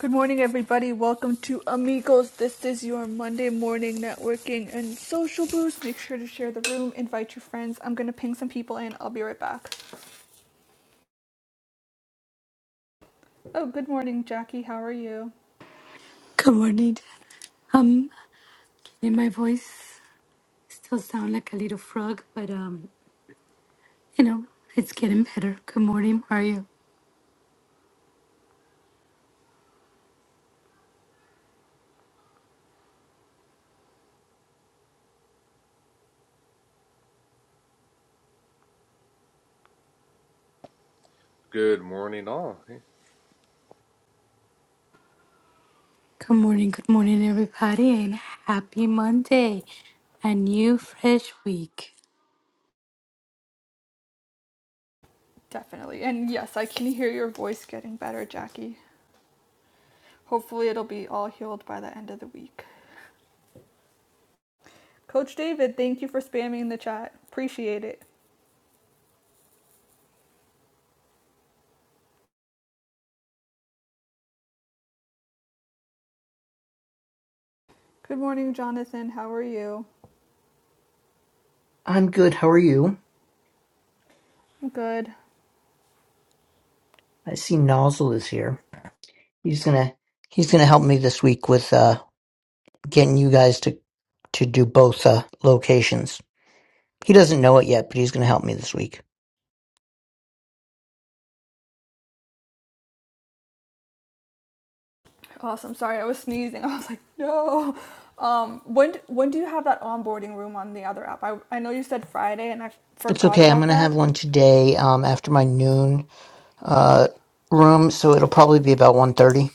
Good morning, everybody. Welcome to Amigos. This is your Monday morning networking and social boost. Make sure to share the room, invite your friends. I'm going to ping some people in. I'll be right back. Oh, good morning, Jackie. How are you? Good morning. Um, and my voice still sound like a little frog, but um, you know, it's getting better. Good morning, how are you? Good morning, all. Hey, Good morning, good morning, everybody, and happy Monday, a new fresh week. Definitely. And yes, I can hear your voice getting better, Jackie. Hopefully, it'll be all healed by the end of the week. Coach David, thank you for spamming the chat. Appreciate it. Good morning, Jonathan. How are you? I'm good. How are you? I'm good. I see Nozzle is here. He's gonna he's gonna help me this week with uh getting you guys to to do both uh locations. He doesn't know it yet, but he's gonna help me this week. Awesome. Sorry, I was sneezing. I was like, no. Um, when when do you have that onboarding room on the other app? I I know you said Friday, and I It's forgot okay. I'm about gonna that. have one today um after my noon uh room, so it'll probably be about one thirty.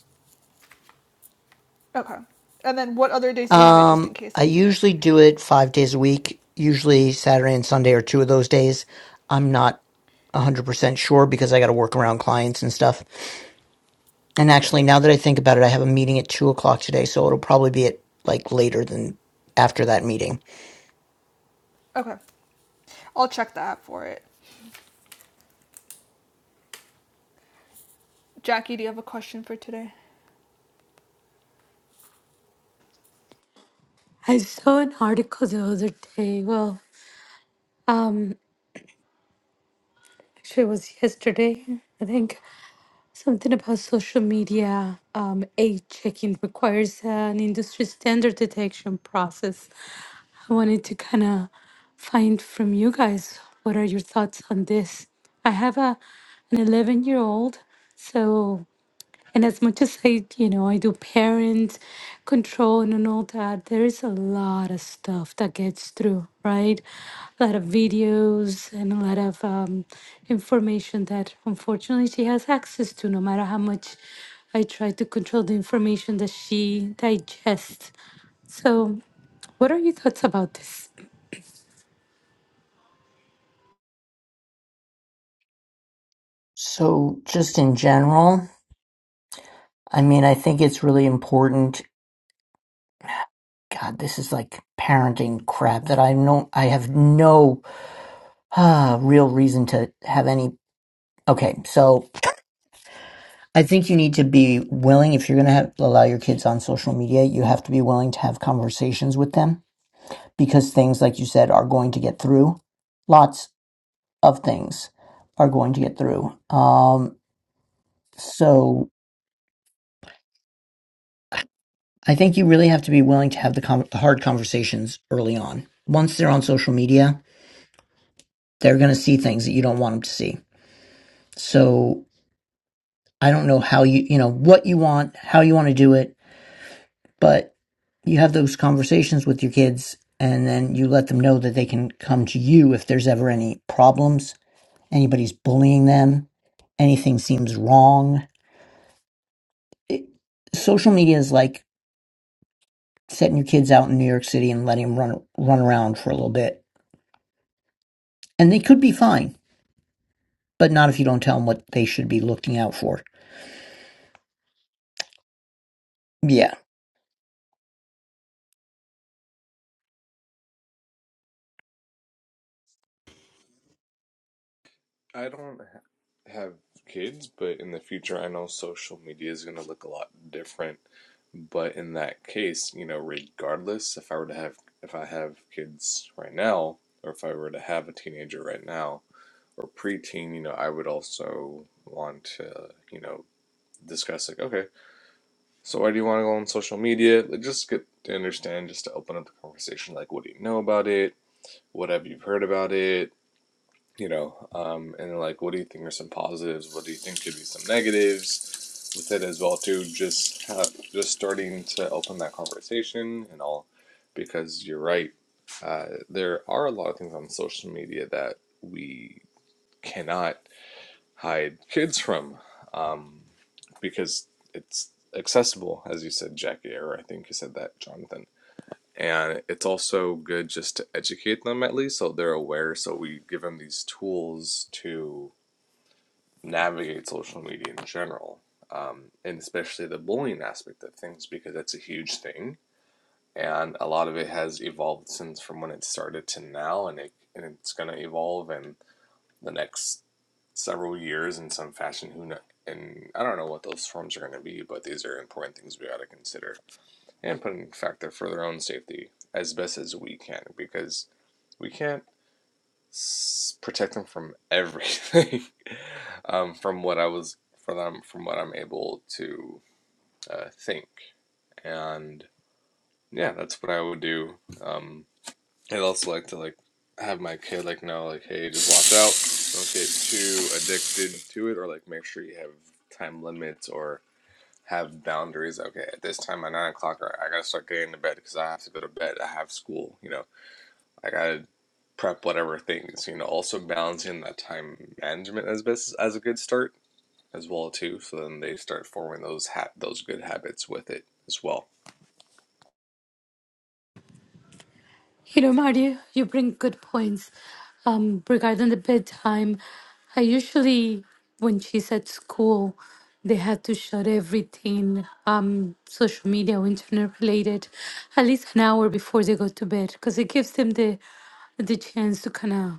Okay. And then what other days do you have it, just in Um case I I can't? usually do it 5 days a week. Usually Saturday and Sunday are two of those days. I'm not 100% sure because I got to work around clients and stuff. And actually, now that I think about it, I have a meeting at two o'clock today, so it'll probably be at like later than after that meeting. Okay. I'll check the app for it. Jackie, do you have a question for today? I saw an article the other day. Well, um, actually, it was yesterday, I think. Something about social media um, age checking requires an industry standard detection process. I wanted to kind of find from you guys what are your thoughts on this. I have a an 11 year old, so and as much as I, you know, I do parent control and all that, there is a lot of stuff that gets through, right? A lot of videos and a lot of um, information that unfortunately she has access to, no matter how much I try to control the information that she digests. So, what are your thoughts about this? So, just in general, I mean, I think it's really important. God, this is like parenting crap that I don't, I have no ah, real reason to have any. Okay, so I think you need to be willing, if you're going to have, allow your kids on social media, you have to be willing to have conversations with them because things, like you said, are going to get through. Lots of things are going to get through. Um, so I think you really have to be willing to have the, con the hard conversations early on. Once they're on social media, they're going to see things that you don't want them to see. So I don't know how you, you know, what you want, how you want to do it, but you have those conversations with your kids and then you let them know that they can come to you if there's ever any problems, anybody's bullying them, anything seems wrong. It, social media is like setting your kids out in New York City and letting them run run around for a little bit. And they could be fine, but not if you don't tell them what they should be looking out for. Yeah. I don't have kids, but in the future, I know social media is going to look a lot different. But in that case, you know, regardless, if I were to have if I have kids right now, or if I were to have a teenager right now or preteen, you know, I would also want to, you know, discuss like, okay, so why do you want to go on social media? Like, just get to understand, just to open up the conversation. Like, what do you know about it? What have you heard about it? you know, um, and like, what do you think are some positives? What do you think could be some negatives with it as well too? Just have, just starting to open that conversation and all, because you're right. Uh, there are a lot of things on social media that we cannot hide kids from, um, because it's accessible, as you said, Jackie, or I think you said that, Jonathan and it's also good just to educate them at least so they're aware. So we give them these tools to navigate social media in general, um, and especially the bullying aspect of things because that's a huge thing. And a lot of it has evolved since from when it started to now, and it and it's gonna evolve in the next several years in some fashion. Who know? And I don't know what those forms are gonna be, but these are important things we gotta consider and put in factor for their own safety as best as we can because we can't s- protect them from everything um, from what I was for them from what I'm able to uh, think and yeah that's what I would do um, I'd also like to like have my kid like know like hey just watch out don't get too addicted to it or like make sure you have time limits or have boundaries. Okay, at this time, at nine o'clock, I gotta start getting to bed because I have to go to bed. I have school, you know. I gotta prep whatever things, you know. Also balancing that time management as best as a good start as well too. So then they start forming those ha- those good habits with it as well. You know, Marty, you bring good points um, regarding the bedtime. I usually, when she's at school, they had to shut everything, um, social media or internet related, at least an hour before they go to bed, because it gives them the the chance to kind of,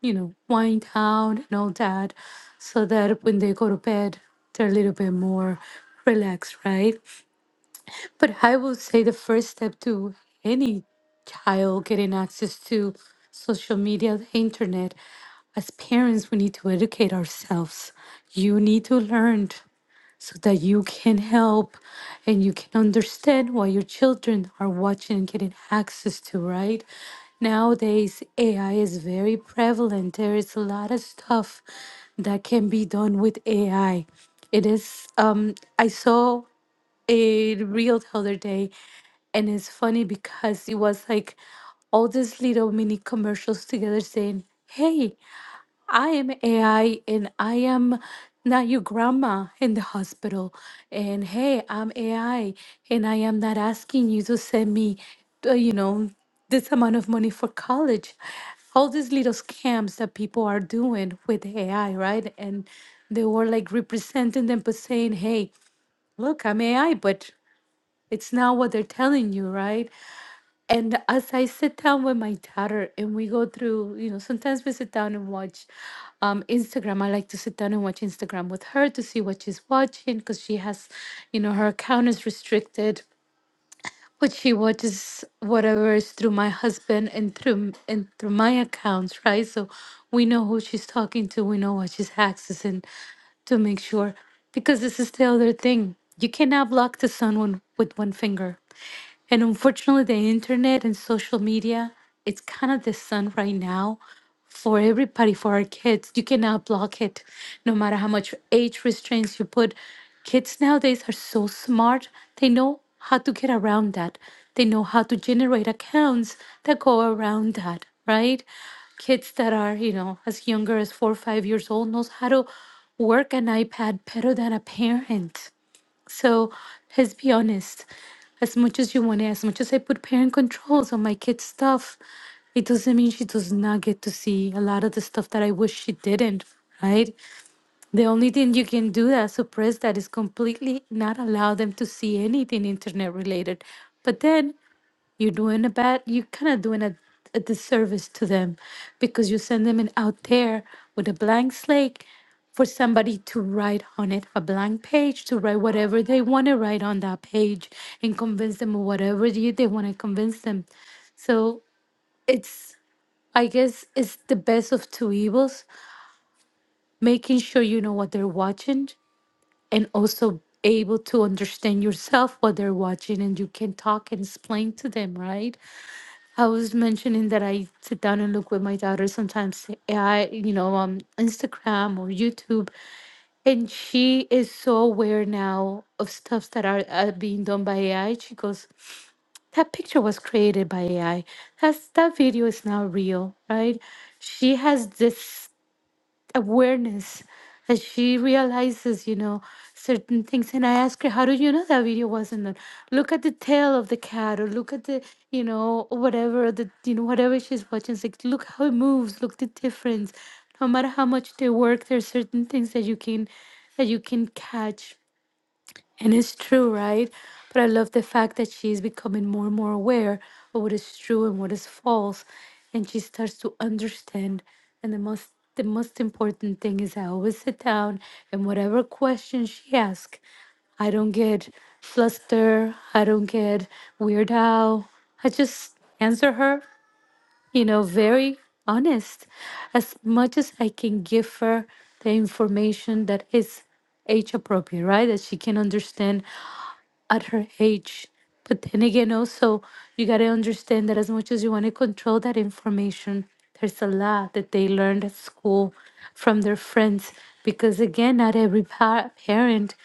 you know, wind down and all that, so that when they go to bed, they're a little bit more relaxed, right? But I will say the first step to any child getting access to social media, the internet, as parents, we need to educate ourselves. You need to learn so that you can help and you can understand what your children are watching and getting access to, right? Nowadays, AI is very prevalent. There is a lot of stuff that can be done with AI. It is, um, I saw a reel the other day, and it's funny because it was like all these little mini commercials together saying, Hey, I am AI and I am not your grandma in the hospital. And hey, I'm AI and I am not asking you to send me, uh, you know, this amount of money for college. All these little scams that people are doing with AI, right? And they were like representing them, but saying, hey, look, I'm AI, but it's not what they're telling you, right? And as I sit down with my daughter and we go through, you know, sometimes we sit down and watch um, Instagram. I like to sit down and watch Instagram with her to see what she's watching because she has, you know, her account is restricted, but she watches whatever is through my husband and through and through my accounts, right? So we know who she's talking to, we know what she's accessing to make sure because this is the other thing. You cannot block the sun one, with one finger. And unfortunately, the internet and social media, it's kind of the sun right now for everybody, for our kids. You cannot block it, no matter how much age restraints you put. Kids nowadays are so smart, they know how to get around that. They know how to generate accounts that go around that, right? Kids that are, you know, as younger as four or five years old knows how to work an iPad better than a parent so let's be honest. As much as you want to, as much as I put parent controls on my kids' stuff, it doesn't mean she does not get to see a lot of the stuff that I wish she didn't, right? The only thing you can do that suppress that is completely not allow them to see anything internet related. But then you're doing a bad, you're kind of doing a, a disservice to them because you send them in out there with a blank slate for somebody to write on it, a blank page to write whatever they want to write on that page and convince them of whatever you, they want to convince them. So it's, I guess, it's the best of two evils, making sure you know what they're watching and also able to understand yourself what they're watching and you can talk and explain to them, right? I was mentioning that I sit down and look with my daughter sometimes AI, you know, um Instagram or YouTube, and she is so aware now of stuff that are, are being done by AI. She goes, "That picture was created by AI. That's that video is now real, right?" She has this awareness that she realizes, you know, certain things. And I ask her, how do you know that video wasn't on? Look at the tail of the cat or look at the, you know, whatever the you know, whatever she's watching. It's like look how it moves, look the difference. No matter how much they work, there's certain things that you can that you can catch and it's true, right? But I love the fact that she's becoming more and more aware of what is true and what is false. And she starts to understand. And the most the most important thing is I always sit down and whatever question she asks, I don't get flustered, I don't get weird out. I just answer her, you know, very honest. As much as I can give her the information that is age appropriate, right? That she can understand at her age. But then again, also, you got to understand that as much as you want to control that information, there's a lot that they learned at school from their friends. Because again, not every pa- parent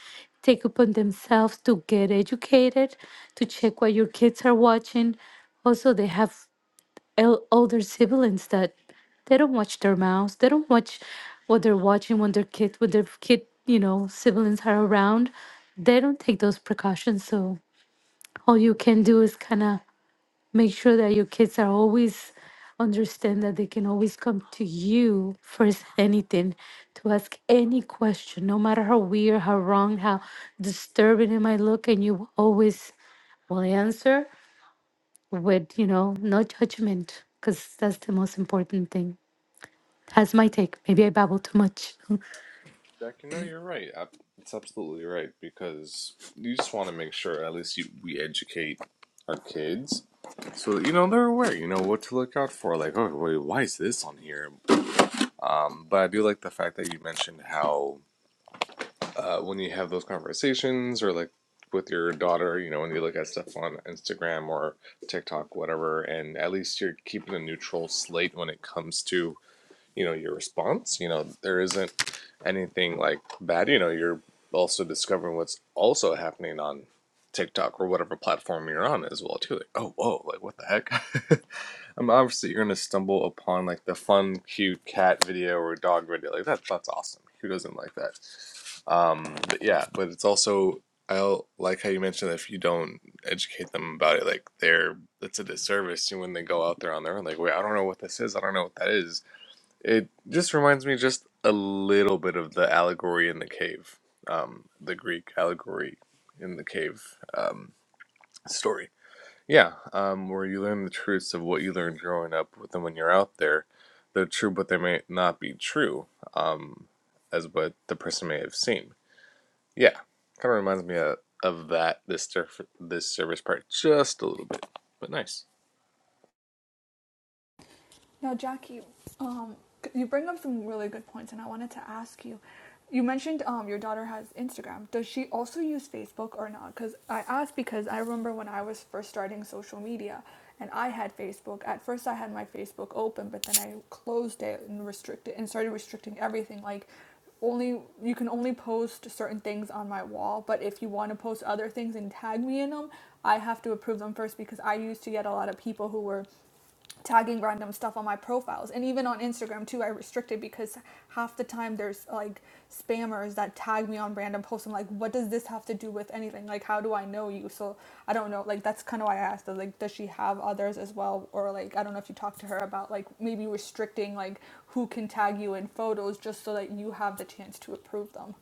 take upon themselves to get educated, to check what your kids are watching. Also, they have el- older siblings that they don't watch their mouths. They don't watch what they're watching when their kid, when their kid, you know, siblings are around. They don't take those precautions. So all you can do is kind of make sure that your kids are always understand that they can always come to you first anything to ask any question no matter how weird how wrong how disturbing it might look and you always will answer with you know no judgment because that's the most important thing that's my take maybe i babble too much Jack, you know you're right. Ab- It's absolutely right because you just want to make sure at least you, we educate our kids so that, you know they're aware. You know what to look out for. Like, oh, wait, why is this on here? Um, but I do like the fact that you mentioned how uh, when you have those conversations or like with your daughter, you know, when you look at stuff on Instagram or TikTok, whatever, and at least you're keeping a neutral slate when it comes to, you know, your response. You know, there isn't anything like bad. You know, you're also discovering what's also happening on TikTok or whatever platform you're on as well too. Like, oh, whoa, like what the heck? I mean, obviously you're gonna stumble upon like the fun, cute cat video or dog video. Like that, that's awesome. Who doesn't like that? Um, but yeah, but it's also I like how you mentioned that if you don't educate them about it, like they're it's a disservice when they go out there on their own. Like, wait, I don't know what this is. I don't know what that is. It just reminds me just a little bit of the allegory in the cave, um, the Greek allegory in the cave um, story yeah, um, where you learn the truths of what you learned growing up, but then when you're out there, they're true, but they may not be true, um, as what the person may have seen. Yeah, kind of reminds me of, of that this surf, this service part just a little bit, but nice. Now, Jackie, um, you bring up some really good points, and I wanted to ask you. You mentioned um, your daughter has Instagram. Does she also use Facebook or not? Because I asked because I remember when I was first starting social media and I had Facebook. At first, I had my Facebook open, but then I closed it and restricted and started restricting everything. Like only you can only post certain things on my wall but if you want to post other things and tag me in them i have to approve them first because i used to get a lot of people who were tagging random stuff on my profiles and even on Instagram too I restrict it because half the time there's like spammers that tag me on random posts I'm like what does this have to do with anything like how do I know you so I don't know like that's kind of why I asked like does she have others as well or like I don't know if you talked to her about like maybe restricting like who can tag you in photos just so that you have the chance to approve them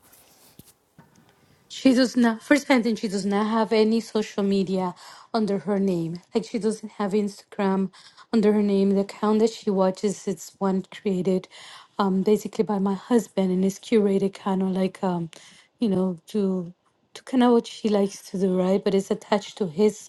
She does not, for sentence, she does not have any social media under her name. Like she doesn't have Instagram under her name. The account that she watches, it's one created um, basically by my husband and it's curated kind of like, um, you know, to to kind of what she likes to do, right? But it's attached to his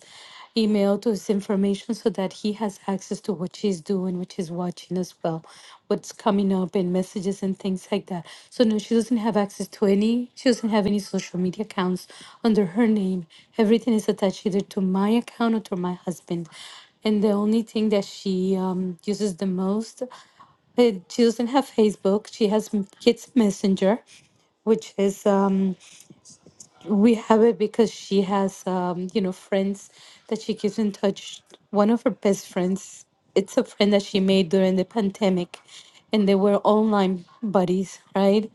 email, to his information, so that he has access to what she's doing, what she's watching as well, what's coming up and messages and things like that. So no, she doesn't have access to any. She doesn't have any social media accounts under her name. Everything is attached either to my account or to my husband. And the only thing that she um, uses the most, eh, she doesn't have Facebook. She has m- Kids Messenger, which is um, we have it because she has um, you know friends that she keeps in touch one of her best friends it's a friend that she made during the pandemic and they were online buddies right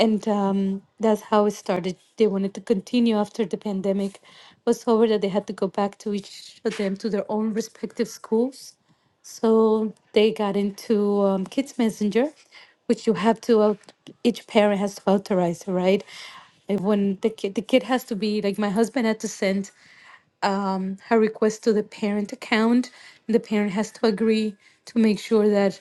and um, that's how it started they wanted to continue after the pandemic was over that they had to go back to each of them to their own respective schools so they got into um, Kids Messenger, which you have to, au- each parent has to authorize, right? And When the kid, the kid has to be, like my husband had to send her request to the parent account. And the parent has to agree to make sure that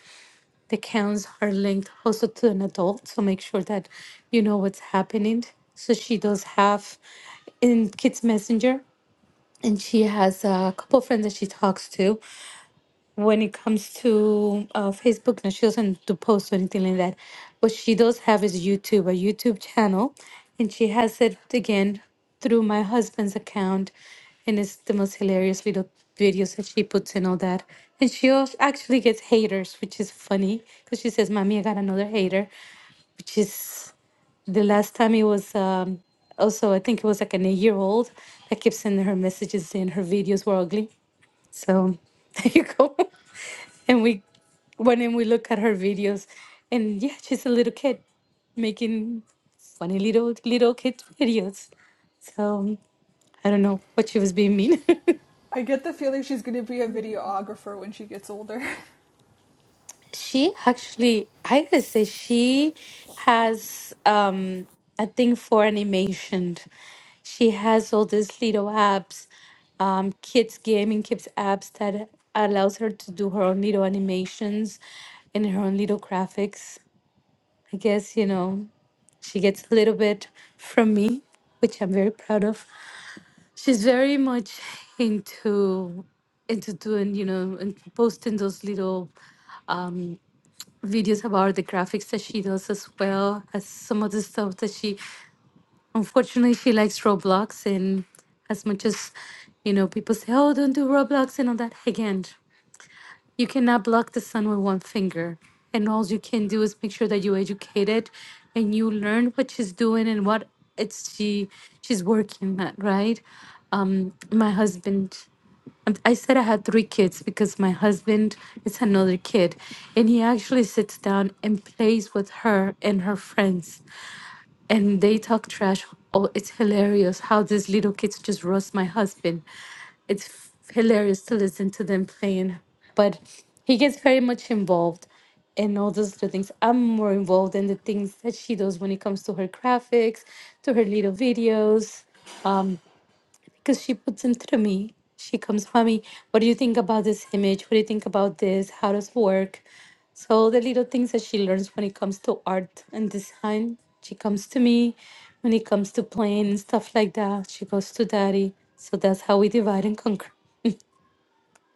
the accounts are linked also to an adult. So make sure that you know what's happening. So she does have in Kids Messenger and she has a couple friends that she talks to when it comes to uh, Facebook, and she doesn't do posts or anything like that. What she does have is YouTube, a YouTube channel, and she has it again through my husband's account, and it's the most hilarious little videos that she puts and all that. And she also actually gets haters, which is funny because she says, "Mommy, I got another hater," which is the last time it was. Um, also, I think it was like an eight-year-old that kept sending her messages saying her videos were ugly. So there you go and we when and we look at her videos and yeah she's a little kid making funny little little kid videos so i don't know what she was being mean I get the feeling she's going to be a videographer when she gets older she actually i gotta say she has um a thing for animation she has all these little apps um kids gaming kids apps that allows her to do her own little animations and her own little graphics I guess, you know, she gets a little bit from me, which I'm very proud of. She's very much into into doing, you know, and posting those little videos about the graphics that she does as well as some of the stuff that she unfortunately she likes Roblox and as much as you know people say, Oh, don't do Roblox and all that again. You cannot block the sun with one finger. And all you can do is make sure that you educate it and you learn what she's doing and what it's she she's working at, right? Um, my husband um, I said I had three kids because my husband is another kid, and he actually sits down and plays with her and her friends and they talk trash. Oh, it's hilarious how these little kids just roast my husband. It's f- hilarious to listen to them playing, but he gets very much involved in all those little things. I'm more involved in the things that she does when it comes to her graphics, to her little videos because she puts them through me. She comes, mommy, what do you think about this image? What do you think about this? How does it work? So the little things that she learns when it comes to art and design, she comes to me. When it comes to playing and stuff like that, she goes to daddy. So that's how we divide and conquer.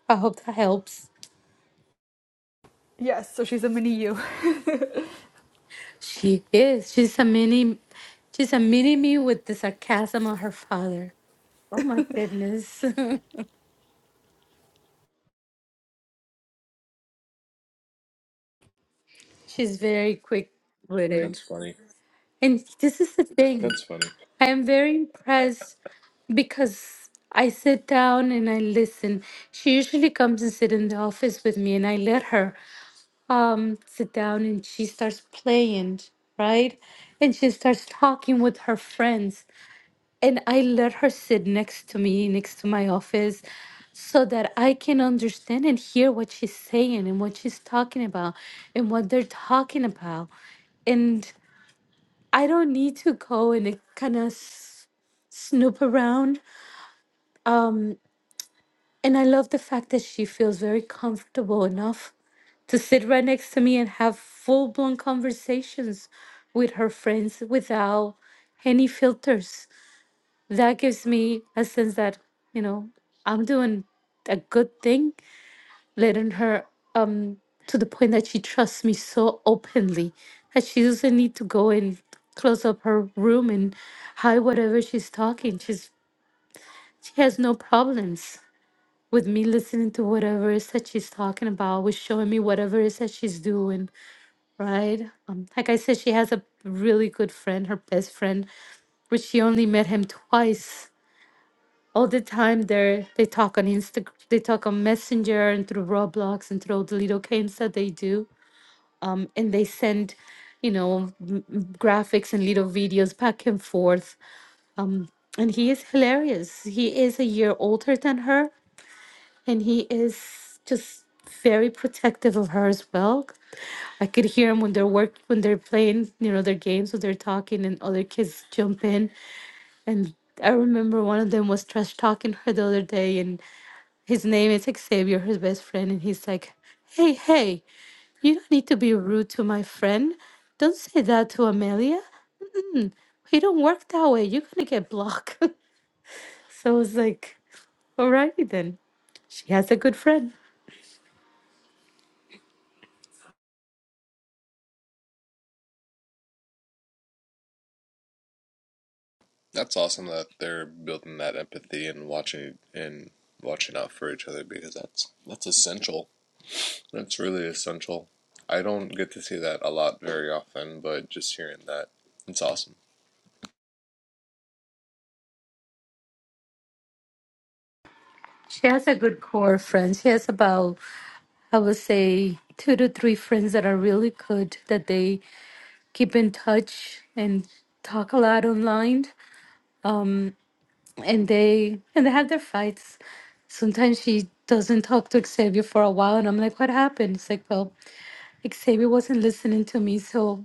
I hope that helps. yes so she's a mini you She is. She's a mini. She's a mini me with the sarcasm of her father. Oh my goodness. she's very quick witted. That's funny. And this is the thing. That's funny. I am very impressed because I sit down and I listen. She usually comes and sit in the office with me, and I let her um, sit down, and she starts playing, right? And she starts talking with her friends, and I let her sit next to me, next to my office, so that I can understand and hear what she's saying and what she's talking about and what they're talking about. and. I don't need to go and kind of s- snoop around. And I love the fact that she feels very comfortable enough to sit right next to me and have full blown conversations with her friends without any filters. That gives me a sense that, you know, I'm doing a good thing, letting her um to the point that she trusts me so openly that she doesn't need to go and close up her room and hide whatever she's talking. She's She has no problems with me listening to whatever it is that she's talking about, with showing me whatever it is that she's doing, right? Um, like I said, she has a really good friend, her best friend, which she only met him twice. All the time they they talk on Insta, they talk on Messenger and through Roblox and through all the little games that they do. Um, and they send, you know, m- m- graphics and little videos back and forth. And he is hilarious. He is a year older than her, and he is just very protective of her as well. I could hear him when they're work when they're playing, you know, their games when they're talking and other kids jump in. And I remember one of them was trash talking her the other day and his name is like, Xavier, his best friend, and he's like, Hey, hey, you don't need to be rude to my friend. Don't say that to Amelia. We don't work that way. You're gonna get blocked. so I was like, Alrighty then. She has a good friend. That's awesome that they're building that empathy and watching and watching out for each other because that's that's essential That's really essential. I don't get to see that a lot very often, but just hearing that, it's awesome. She has a good core of friends. She has about, I would say, two to three friends that are really good that they keep in touch and talk a lot online. Um, and they and they have their fights. Sometimes she doesn't talk to Xavier for a while, and I'm like, "What happened?" It's like, "Well, like, Xavier wasn't listening to me, so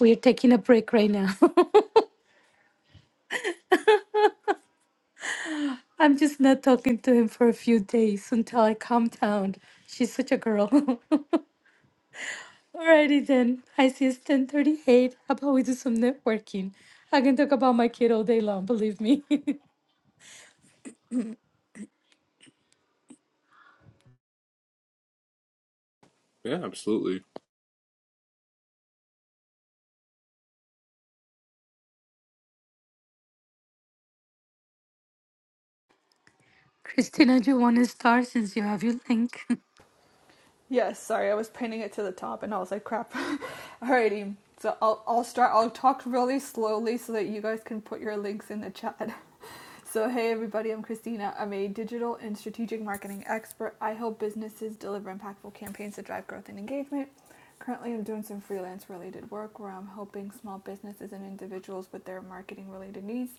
we're taking a break right now. I'm just not talking to him for a few days until I calm down." She's such a girl. Alrighty then. I see it's 1038. How about we do some networking? I can talk about my kid all day long, believe me. Yeah, absolutely. Christina, do you want to start since you have your link? Yes, sorry, I was pinning it to the top and I was like, crap. Alrighty, so I'll, I'll start, I'll talk really slowly so that you guys can put your links in the chat. So, hey everybody, I'm Christina. I'm a digital and strategic marketing expert. I help businesses deliver impactful campaigns to drive growth and engagement. Currently, I'm doing some freelance related work where I'm helping small businesses and individuals with their marketing related needs.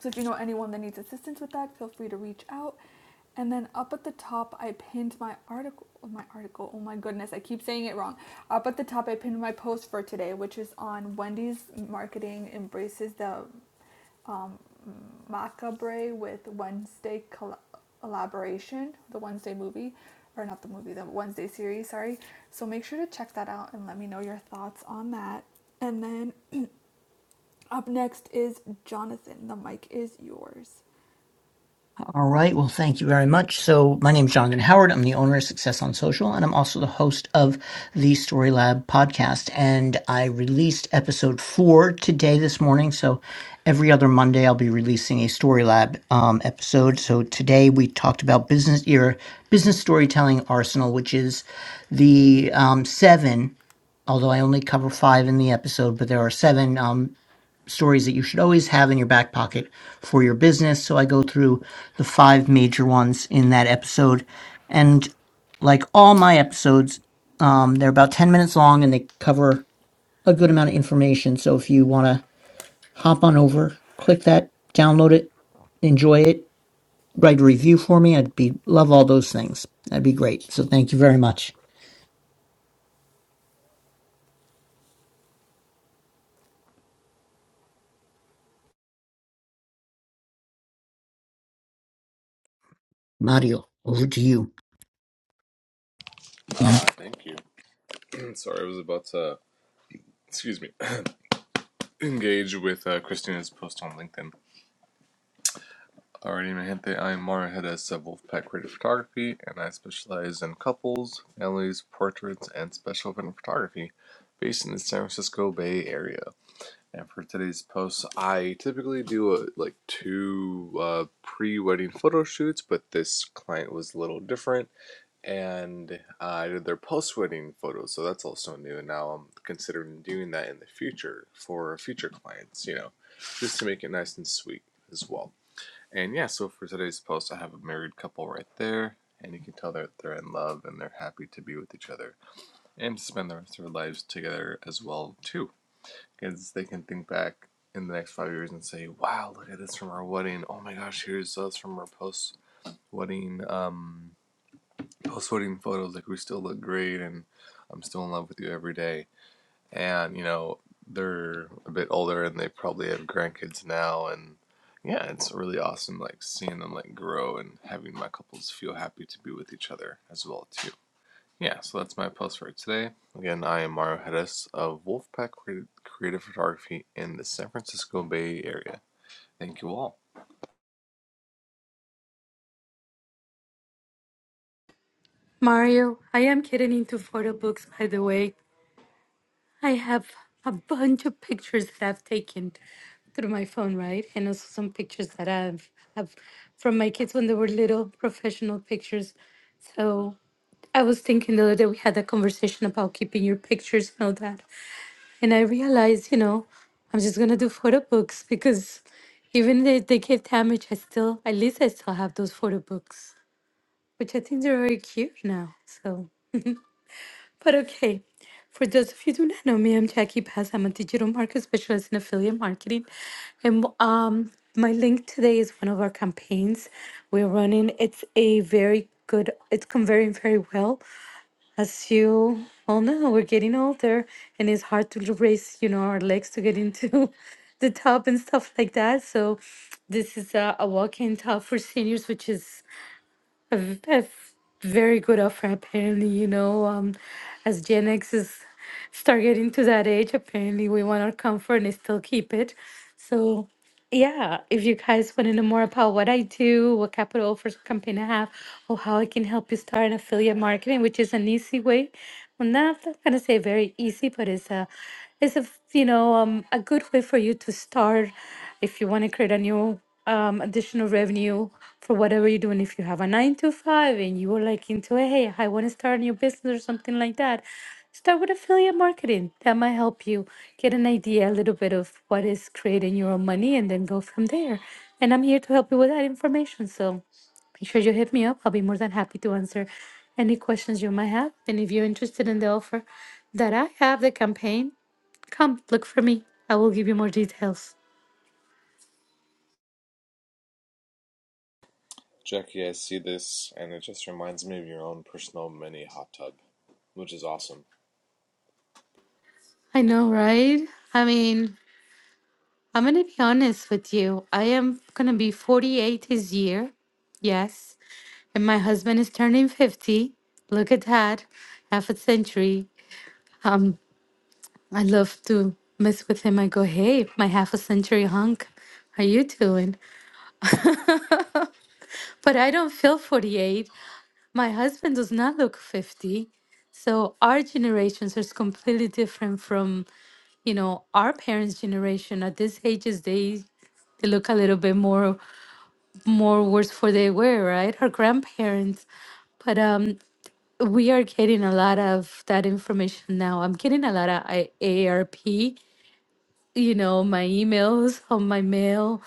So, if you know anyone that needs assistance with that, feel free to reach out. And then up at the top, I pinned my article. My article. Oh my goodness, I keep saying it wrong. Up at the top, I pinned my post for today, which is on Wendy's marketing embraces the um, macabre with Wednesday colla- collaboration, the Wednesday movie, or not the movie, the Wednesday series. Sorry. So make sure to check that out and let me know your thoughts on that. And then up next is Jonathan. The mic is yours. All right. Well, thank you very much. So my name is Jonathan Howard. I'm the owner of Success on Social, and I'm also the host of the Story Lab podcast. And I released episode four today, this morning. So every other Monday, I'll be releasing a Story Lab um, episode. So today we talked about business your business storytelling arsenal, which is the um, seven although I only cover five in the episode, but there are seven um, stories that you should always have in your back pocket for your business. So I go through the five major ones in that episode. And like all my episodes, um, they're about 10 minutes long and they cover a good amount of information. So if you want to hop on over, click that, download it, enjoy it, write a review for me, I'd be love all those things. That'd be great. So thank you very much. Mario, over to you. Ah, thank you. Sorry, I was about to, excuse me, engage with uh, Christina's post on LinkedIn. Alrighty, my gente, I am Mara Hedes of Wolfpack Creative Photography, and I specialize in couples, families, portraits, and special event photography based in the San Francisco Bay Area. And for today's post, I typically do a, like two uh, pre-wedding photo shoots, but this client was a little different, and uh, I did their post-wedding photos, so that's also new. And now I'm considering doing that in the future for future clients, you know, just to make it nice and sweet as well. And yeah, so for today's post, I have a married couple right there, and you can tell that they're in love and they're happy to be with each other and spend the rest of their lives together as well too because they can think back in the next five years and say, "Wow, look at this from our wedding. Oh my gosh, here's us from our post wedding um post wedding photos. Like we still look great, and I'm still in love with you every day." And you know they're a bit older and they probably have grandkids now, and yeah, it's really awesome like seeing them like grow and having my couples feel happy to be with each other as well too. Yeah, so that's my post for today. Again, I am Mario Hedges of Wolfpack Creative Photography in the San Francisco Bay Area. Thank you all. Mario, I am getting into photo books, by the way. I have a bunch of pictures that I've taken through my phone, right? And also some pictures that I've have from my kids when they were little, professional pictures. So I was thinking the other day we had a conversation about keeping your pictures and all that. And I realized, you know, I'm just gonna do photo books because even if they get damaged, I still at least I still have those photo books, which I think they're very cute now. So, but okay. For those of you who do not know me, I'm Jackie Paz. I'm a digital market specialist in affiliate marketing, and um, my link today is one of our campaigns we're running. It's a very good. It's come very very well as you all know, we're getting older and it's hard to raise, you know, our legs to get into the tub and stuff like that. So this is a, a walk-in tub for seniors, which is a, v- a f- very good offer apparently you know um as gen x is start getting to that age apparently we want our comfort and still keep it so yeah if you guys want to know more about what i do what capital offers campaign i have or how i can help you start an affiliate marketing which is an easy way well not, i'm not gonna say very easy but it's a it's a you know um, a good way for you to start if you want to create a new um, additional revenue for whatever you're doing. If you have a nine to five and you are like into it, hey, I want to start a new business or something like that, start with affiliate marketing. That might help you get an idea a little bit of what is creating your own money and then go from there. And I'm here to help you with that information. So make sure you hit me up. I'll be more than happy to answer any questions you might have. And if you're interested in the offer that I have, the campaign, come look for me. I will give you more details. Jackie, I see this, and it just reminds me of your own personal mini hot tub, which is awesome. I know, right? I mean, I'm going to be honest with you. I am going to be 48 this year. Yes. And my husband is turning 50. Look at that. Half a century. Um, I love to mess with him. I go, hey, my half a century hunk. How you doing? But I don't feel 48. My husband does not look 50. So our generations are completely different from, you know, our parents' generation. At this ages, they they look a little bit more more worse for they were, right? Her grandparents. But um, we are getting a lot of that information now. I'm getting a lot of I- ARP, you know, my emails on my mail.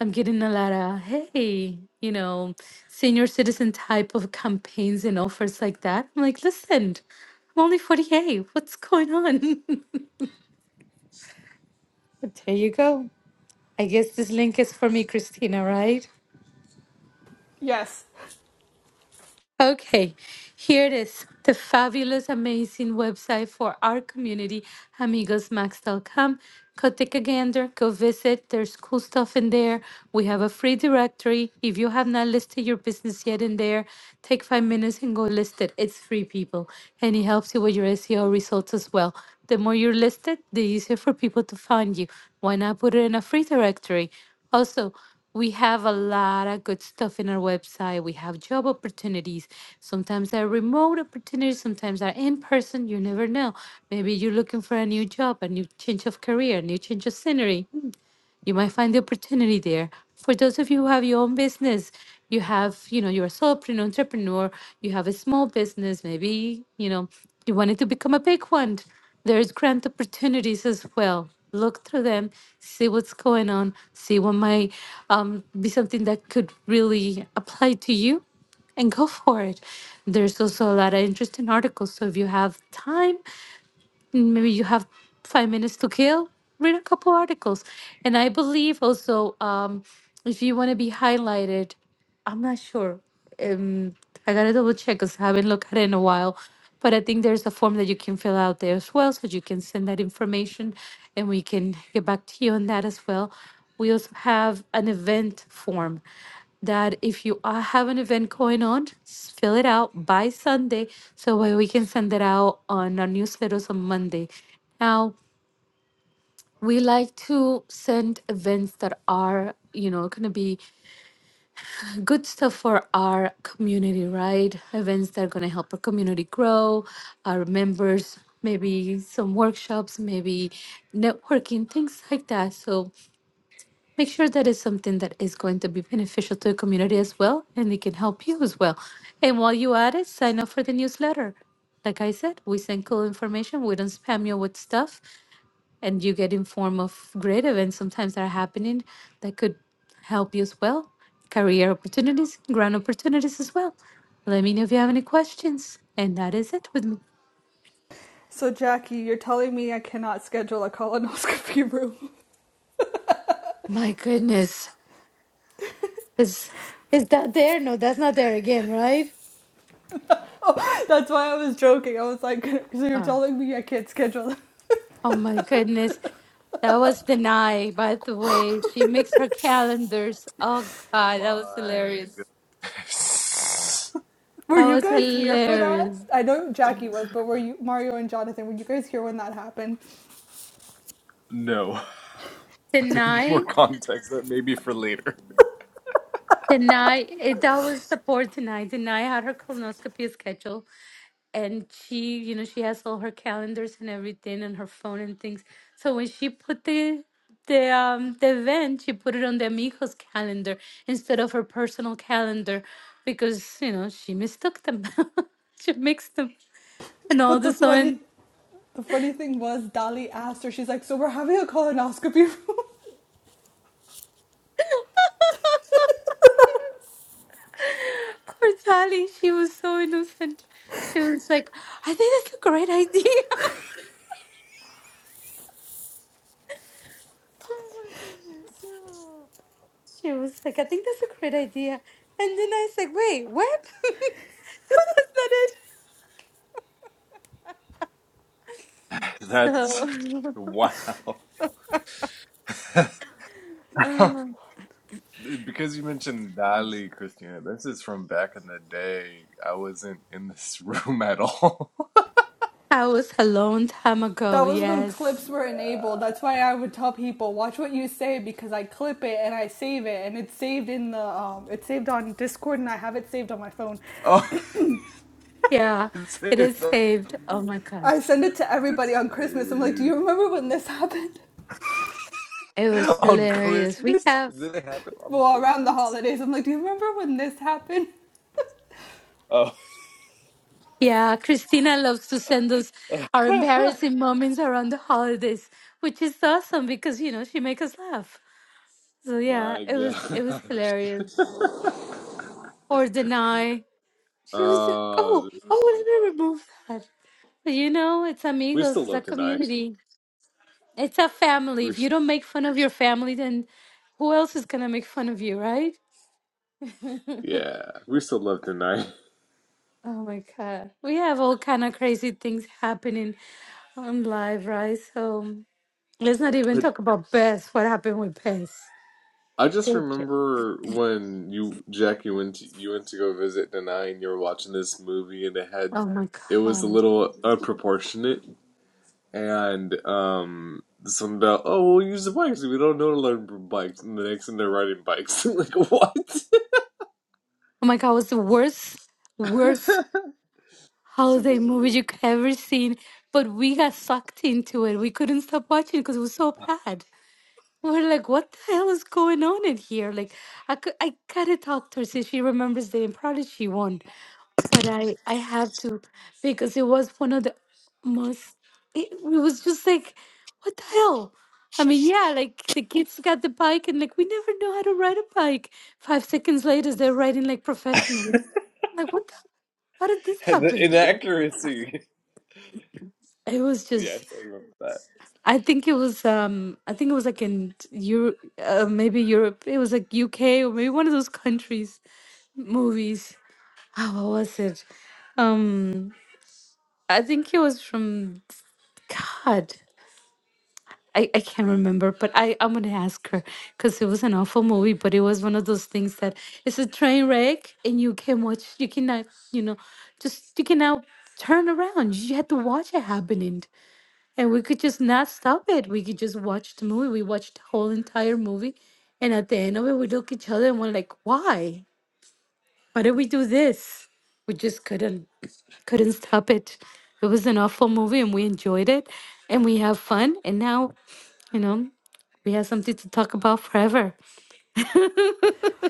I'm getting a lot of, hey, you know, senior citizen type of campaigns and offers like that. I'm like, listen, I'm only 48. What's going on? But there you go. I guess this link is for me, Christina, right? Yes. Okay, here it is the fabulous, amazing website for our community, amigosmax.com. Go take a gander, go visit. There's cool stuff in there. We have a free directory. If you have not listed your business yet in there, take five minutes and go list it. It's free, people, and it helps you with your SEO results as well. The more you're listed, the easier for people to find you. Why not put it in a free directory? Also, we have a lot of good stuff in our website. We have job opportunities. Sometimes they're remote opportunities, sometimes they're in person. You never know. Maybe you're looking for a new job, a new change of career, a new change of scenery you might find the opportunity there. For those of you who have your own business, you have, you know, you're a solopreneur, entrepreneur, you have a small business, maybe, you know, you wanted to become a big one. There's grant opportunities as well. Look through them, see what's going on, see what might um, be something that could really apply to you and go for it. There's also a lot of interesting articles. So if you have time, maybe you have five minutes to kill read a couple articles and i believe also um, if you want to be highlighted I'm not sure. Um, I gotta double check because I haven't looked at it in a while. But I think there's a form that you can fill out there as well, so you can send that information, and we can get back to you on that as well. We also have an event form that if you are, have an event going on, s- fill it out by Sunday, so way we can send it out on our newsletters on Monday. Now, we like to send events that are, you know, going to be good stuff for our community, right? Events that are going to help our community grow, our members, maybe some workshops, maybe networking, things like that. So make sure that it's something that is going to be beneficial to the community as well, and it can help you as well. And while you at it, sign up for the newsletter. Like I said, we send cool information. We don't spam you with stuff and you get informed of great events sometimes that are happening that could help you as well. Career opportunities, grant opportunities as well. Let me know if you have any questions. And that is it with me. So, Jackie, you're telling me I cannot schedule a colonoscopy room. My goodness. Is is that there? No, that's not there again, right? That's why I was joking. I was like, so you're Oh, telling me I can't schedule. that? oh my goodness. That was denied, by the way. She makes her calendars. Oh God, that was My hilarious. goodness. Were That you was guys here for that? hilarious. I know Jackie was, but were you Mario and Jonathan? Were you guys here when that happened? no, I need more Deny? context. That maybe for later. Tonight, it, that was the board tonight. Tonight had her colonoscopy schedule, and she, you know, she has all her calendars and everything, and her phone and things. So when she put the the um the event, she put it on the amigos calendar instead of her personal calendar, because you know she mistook them, she mixed them, and all But of the a funny, sudden, the funny thing was, Dali asked her. She's like, "So we're having a colonoscopy room." poor Tali, she was so innocent. She was like, "I think that's a great idea." Oh my goodness. Oh. She was like, I think that's a great idea. And then I said, wait, what? no, that's not That's it. So wow. uh, because you mentioned Dali, Christina, this is from back in the day. I wasn't in this room at all. I was a long time That ago. was when clips Yes. were enabled. yeah. That's why I would tell people, "Watch what you say," because I clip it and I save it, and it's saved in the um, it's saved on Discord, and I have it saved on my phone. Oh, Yeah, it's it saved. is saved. Oh my God. I send it to everybody It's on Christmas. I'm like, do saved. you remember when this happened? It was on hilarious. We Christmas? have, Did it happen on Well, around the Christmas? holidays, I'm like, do you remember when this happened? Oh. yeah, Christina loves to send us our embarrassing moments around the holidays, which is awesome because, you know, she makes us laugh. So yeah, My it was, it was gosh. hilarious. Or deny. She was like, uh, "Oh, oh, I never moved that." But you know, it's we amigos, still it's a love tonight. community, it's a family. We, If you don't make fun of your family, then who else is gonna make fun of you, right? yeah, we still love tonight. Oh my God, we have all kind of crazy things happening on live, right? So let's not even talk about Bess. What happened with Bess? I just Good. remember when you Jack you went to, you went to go visit Denai and you were watching this movie and it had Oh my it was a God. little unproportionate and um some about oh we'll use the bikes we don't know to learn from bikes and the next thing they're riding bikes like what Oh my God, it was the worst, worst. It's a holiday movie movies you could ever seen, but we got sucked into it. We couldn't stop watching because it was so bad. We're like, what the hell is going on in here? Like, I could, I gotta talk to her since she remembers the Improv she won, but I, I have to because it was one of the most. It, it was just like, what the hell? I mean, yeah, like the kids got the bike, and like we never know how to ride a bike. Five seconds later, they're riding like it was professionals. Like, what? The, how did this the happen? inaccuracy It was just yes I remember that I think it was um I think it was like in Europe uh, maybe Europe it was like UK or maybe one of those countries movies oh, what was it um I think it was from God I, I can't remember but I I'm gonna ask her because it was an awful movie but it was one of those things that it's a train wreck and you can watch you cannot you know just you cannot turn around you had to watch it happening And we could just not stop it. We could just watch the movie. We watched the whole entire movie. And at the end of it, we look at each other and we're like, why? Why did we do this? We just couldn't couldn't stop it. It was an awful movie and we enjoyed it and we have fun. And now, you know, we have something to talk about forever.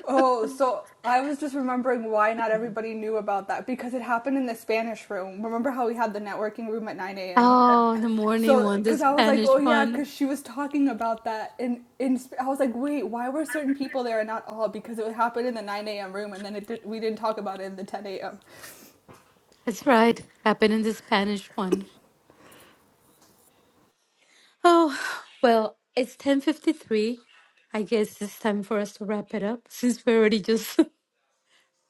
Oh, so I was just remembering why not everybody knew about that because it happened in the Spanish room. Remember how we had the networking room at 9 a.m.? oh, the morning So, one, the because I was like, Spanish oh yeah, one. because she was talking about that, and in, I was like, wait, why were certain people there and not all? Because it happened in the 9 a.m. room, and then it did, we didn't talk about it in the 10 a.m. That's right. Happened in the Spanish one. Oh, well, it's 10:53. I guess it's time for us to wrap it up since we already just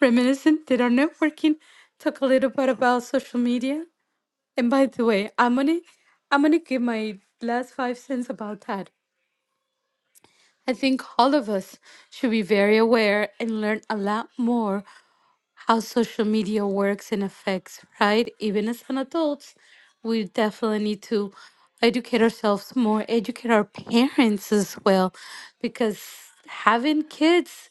reminiscent, did our networking, talk a little bit about social media. And by the way, I'm gonna I'm gonna give my last five cents about that. I think all of us should be very aware and learn a lot more how social media works and affects, right? Even as an adults, we definitely need to educate ourselves more, educate our parents as well, because having kids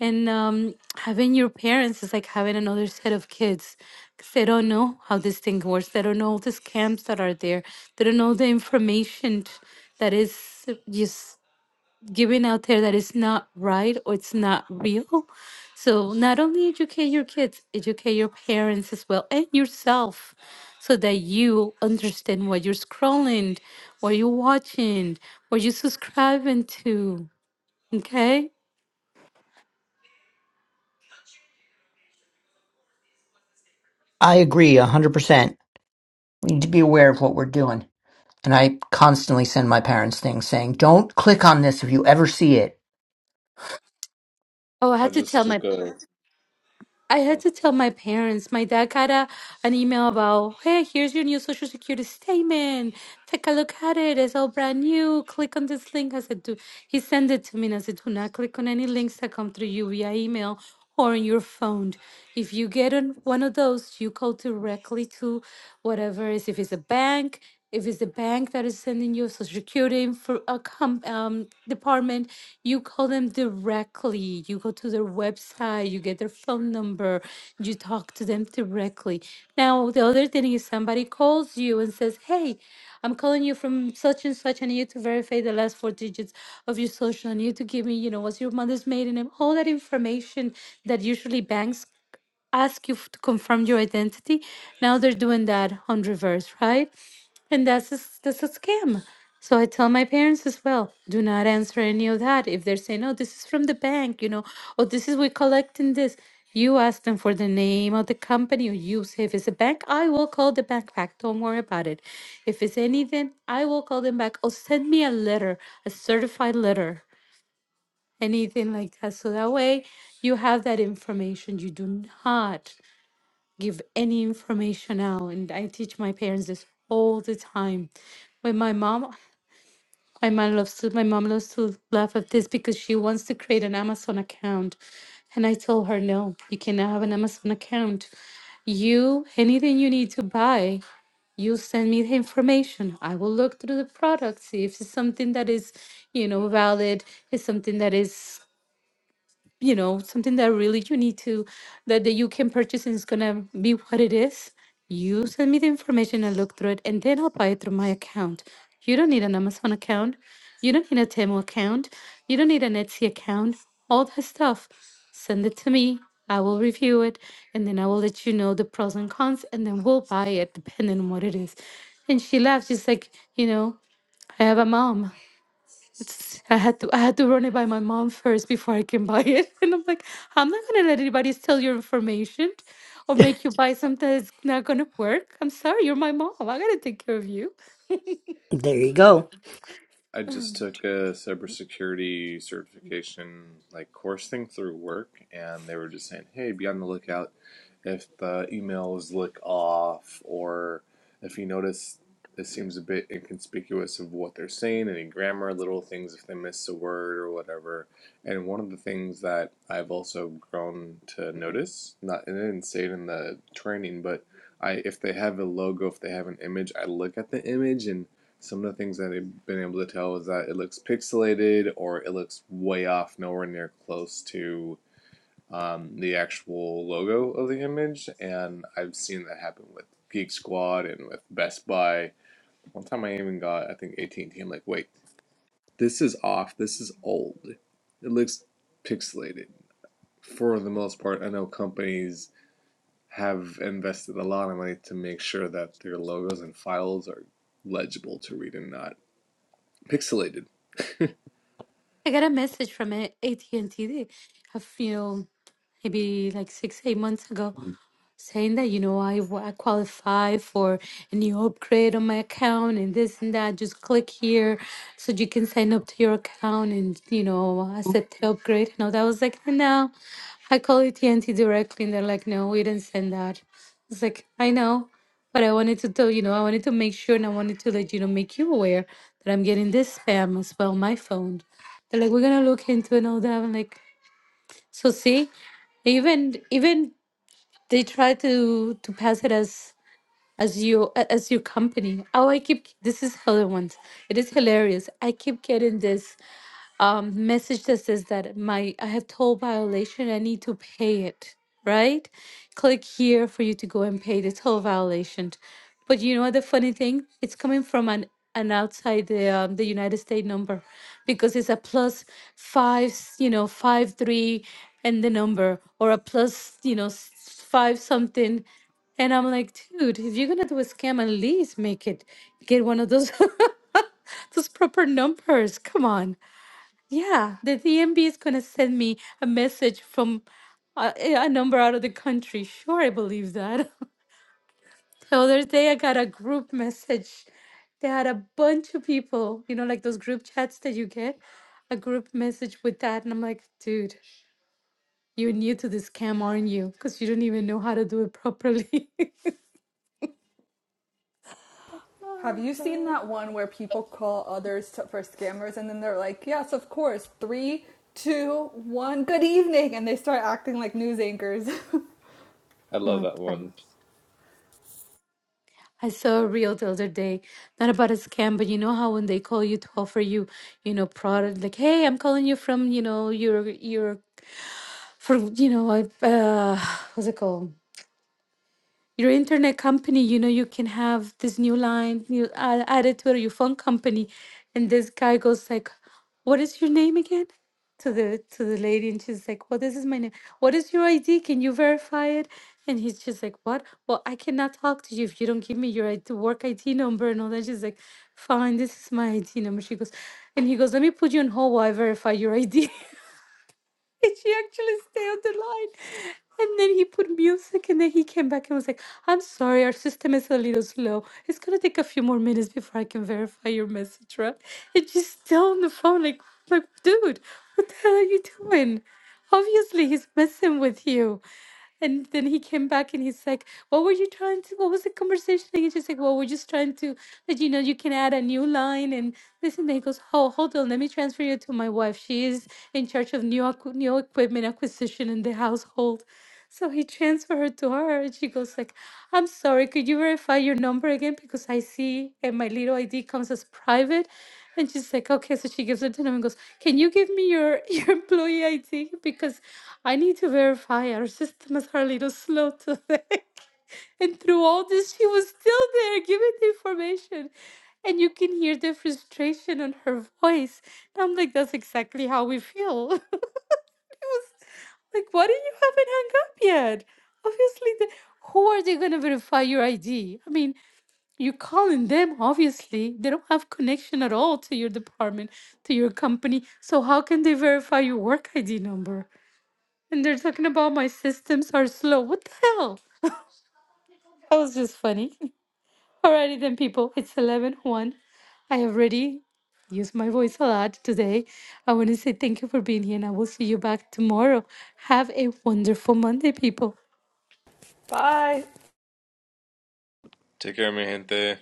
and um, having your parents is like having another set of kids because they don't know how this thing works. They don't know all the scams that are there. They don't know the information that is just given out there that is not right or it's not real. So not only educate your kids, educate your parents as well and yourself so that you understand what you're scrolling, what you're watching, what you're subscribing to. Okay? I agree 100%. we need to be aware of what we're doing. And I constantly send my parents things saying, don't click on this if you ever see it. Oh, I I had to just tell took my a I a had to tell my parents. My dad got a, an email about, hey, here's your new social security statement. Take a look at it. It's all brand new. Click on this link. I said, do. He sent it to me and I said, do not click on any links that come through you via email or on your phone. If you get on one of those, you go directly to whatever it is. If it's a bank, if it's the bank that is sending you social security for a com- um, department you call them directly you go to their website you get their phone number you talk to them directly now the other thing is somebody calls you and says hey i'm calling you from such and such and I need you to verify the last four digits of your social and you to give me you know what's your mother's maiden name all that information that usually banks ask you f- to confirm your identity. Now they're doing that on reverse, right? And that's a, s- that's a scam. So I tell my parents as well, do not answer any of that. If they're saying, oh, this is from the bank, you know, or this is we collecting this, you ask them for the name of the company, or you say if it's a bank, I will call the bank back. Don't worry about it. If it's anything, I will call them back. Or send me a letter, a certified letter, anything like that. So that way you have that information. You do not give any information out. And I teach my parents this all the time. When my mom, my mom loves to, my mom loves to laugh at this because she wants to create an Amazon account, and I told her no, you cannot have an Amazon account. You anything you need to buy, you send me the information. I will look through the product, see if it's something that is, you know, valid, is something that is you know something that really you need to that, that you can purchase and it's gonna be what it is you send me the information and look through it and then i'll buy it through my account you don't need an amazon account you don't need a Temu account you don't need an etsy account all that stuff send it to me i will review it and then i will let you know the pros and cons and then we'll buy it depending on what it is and she laughed she's like you know i have a mom It's, I had to I had to run it by my mom first before I can buy it. And I'm like, I'm not gonna let anybody steal your information or make you buy something that's not gonna work. I'm sorry, you're my mom. I gotta take care of you. There you go. I just took a cybersecurity certification like course thing through work, and they were just saying, "Hey, be on the lookout if the emails look off, or if you notice it seems a bit inconspicuous of what they're saying, any grammar, little things, if they miss a word or whatever." And one of the things that I've also grown to notice, not and I didn't say it in the training, but I if they have a logo, if they have an image, I look at the image and some of the things that I've been able to tell is that it looks pixelated or it looks way off, nowhere near close to um, the actual logo of the image. And I've seen that happen with Geek Squad and with Best Buy. One time I even got, I think, AT&T. am like, wait, this is off. This is old. It looks pixelated. For the most part, I know companies have invested a lot of money to make sure that their logos and files are legible to read and not pixelated I got a message from AT and T. They have you know maybe like six eight months ago. saying that you know I, wa- I qualify for a new upgrade on my account and this and that just click here so you can sign up to your account and you know accept the upgrade and all that I was like no I call it TNT directly and they're like no we didn't send that it's like I know but I wanted to tell you know I wanted to make sure and I wanted to let you know make you aware that I'm getting this spam as well on my phone they're like we're gonna look into it and all that I'm like so see even even they try to to pass it as as you as your company. Oh, I keep this is Helen once. It is hilarious. I keep getting this um, message that says that my I have toll violation. I need to pay it. Right? Click here for you to go and pay the toll violation. But you know the funny thing? It's coming from an an outside the um, the United States number because it's a plus five, s- you know, five three, and the number or a plus, you know, s- five something. And I'm like, dude, if you're gonna do a scam, at least make it get one of those those proper numbers. Come on. Yeah, the DMB is going to send me a message from uh, a, a number out of the country. Sure, I believe that. The other day, I got a group message. They had a bunch of people, you know, like those group chats that you get, a group message with that. And I'm like, dude, you're new to this scam, aren't you? Because you don't even know how to do it properly. Have Oh, you seen that one where people call others to, for scammers and then they're like, yes, of course, three, two, one, good evening, and they start acting like news anchors? I love My that one. friend. I saw a reel the other day, not about a scam, but you know how when they call you to offer you, you know, product like, hey, I'm calling you from, you know, your your for you know, I uh, what's it called? your internet company you know you can have this new line you add, add it to your phone company and this guy goes like what is your name again to the to the lady and she's like well this is my name what is your id can you verify it and he's just like what well i cannot talk to you if you don't give me your ID, work id number and all that she's like fine this is my id number she goes and he goes let me put you on hold while i verify your id and she actually stayed on the line. And then he put music and then he came back and was like, I'm sorry, our system is a little slow. It's gonna take a few more minutes before I can verify your message, right? And she's still on the phone, like like, dude, what the hell are you doing? Obviously he's messing with you. And then he came back and he's like, What were you trying to? What was the conversation? And he's just like, Well, we're just trying to let you know you can add a new line. And this and then he goes, Oh, hold on. Let me transfer you to my wife. She is in charge of new, acqu- new equipment acquisition in the household. So he transferred her to her and she goes like, I'm sorry, could you verify your number again? Because I see and my little ID comes as private and she's like, okay. So she gives it to him and goes, can you give me your, your employee ID? Because I need to verify our systems are a little slow today. and through all this, she was still there giving the information. And you can hear the frustration on her voice. And I'm like, that's exactly how we feel. like, why do you haven't hung up yet? Obviously, the, who are they going to verify your ID? I mean, you're calling them, obviously. They don't have connection at all to your department, to your company. So how can they verify your work ID number? And they're talking about my systems are slow. What the hell? That was just funny. Alrighty then, people. It's eleven one. I have already used my voice a lot today. I want to say thank you for being here, and I will see you back tomorrow. Have a wonderful Monday, people. Bye. Take care, mi gente.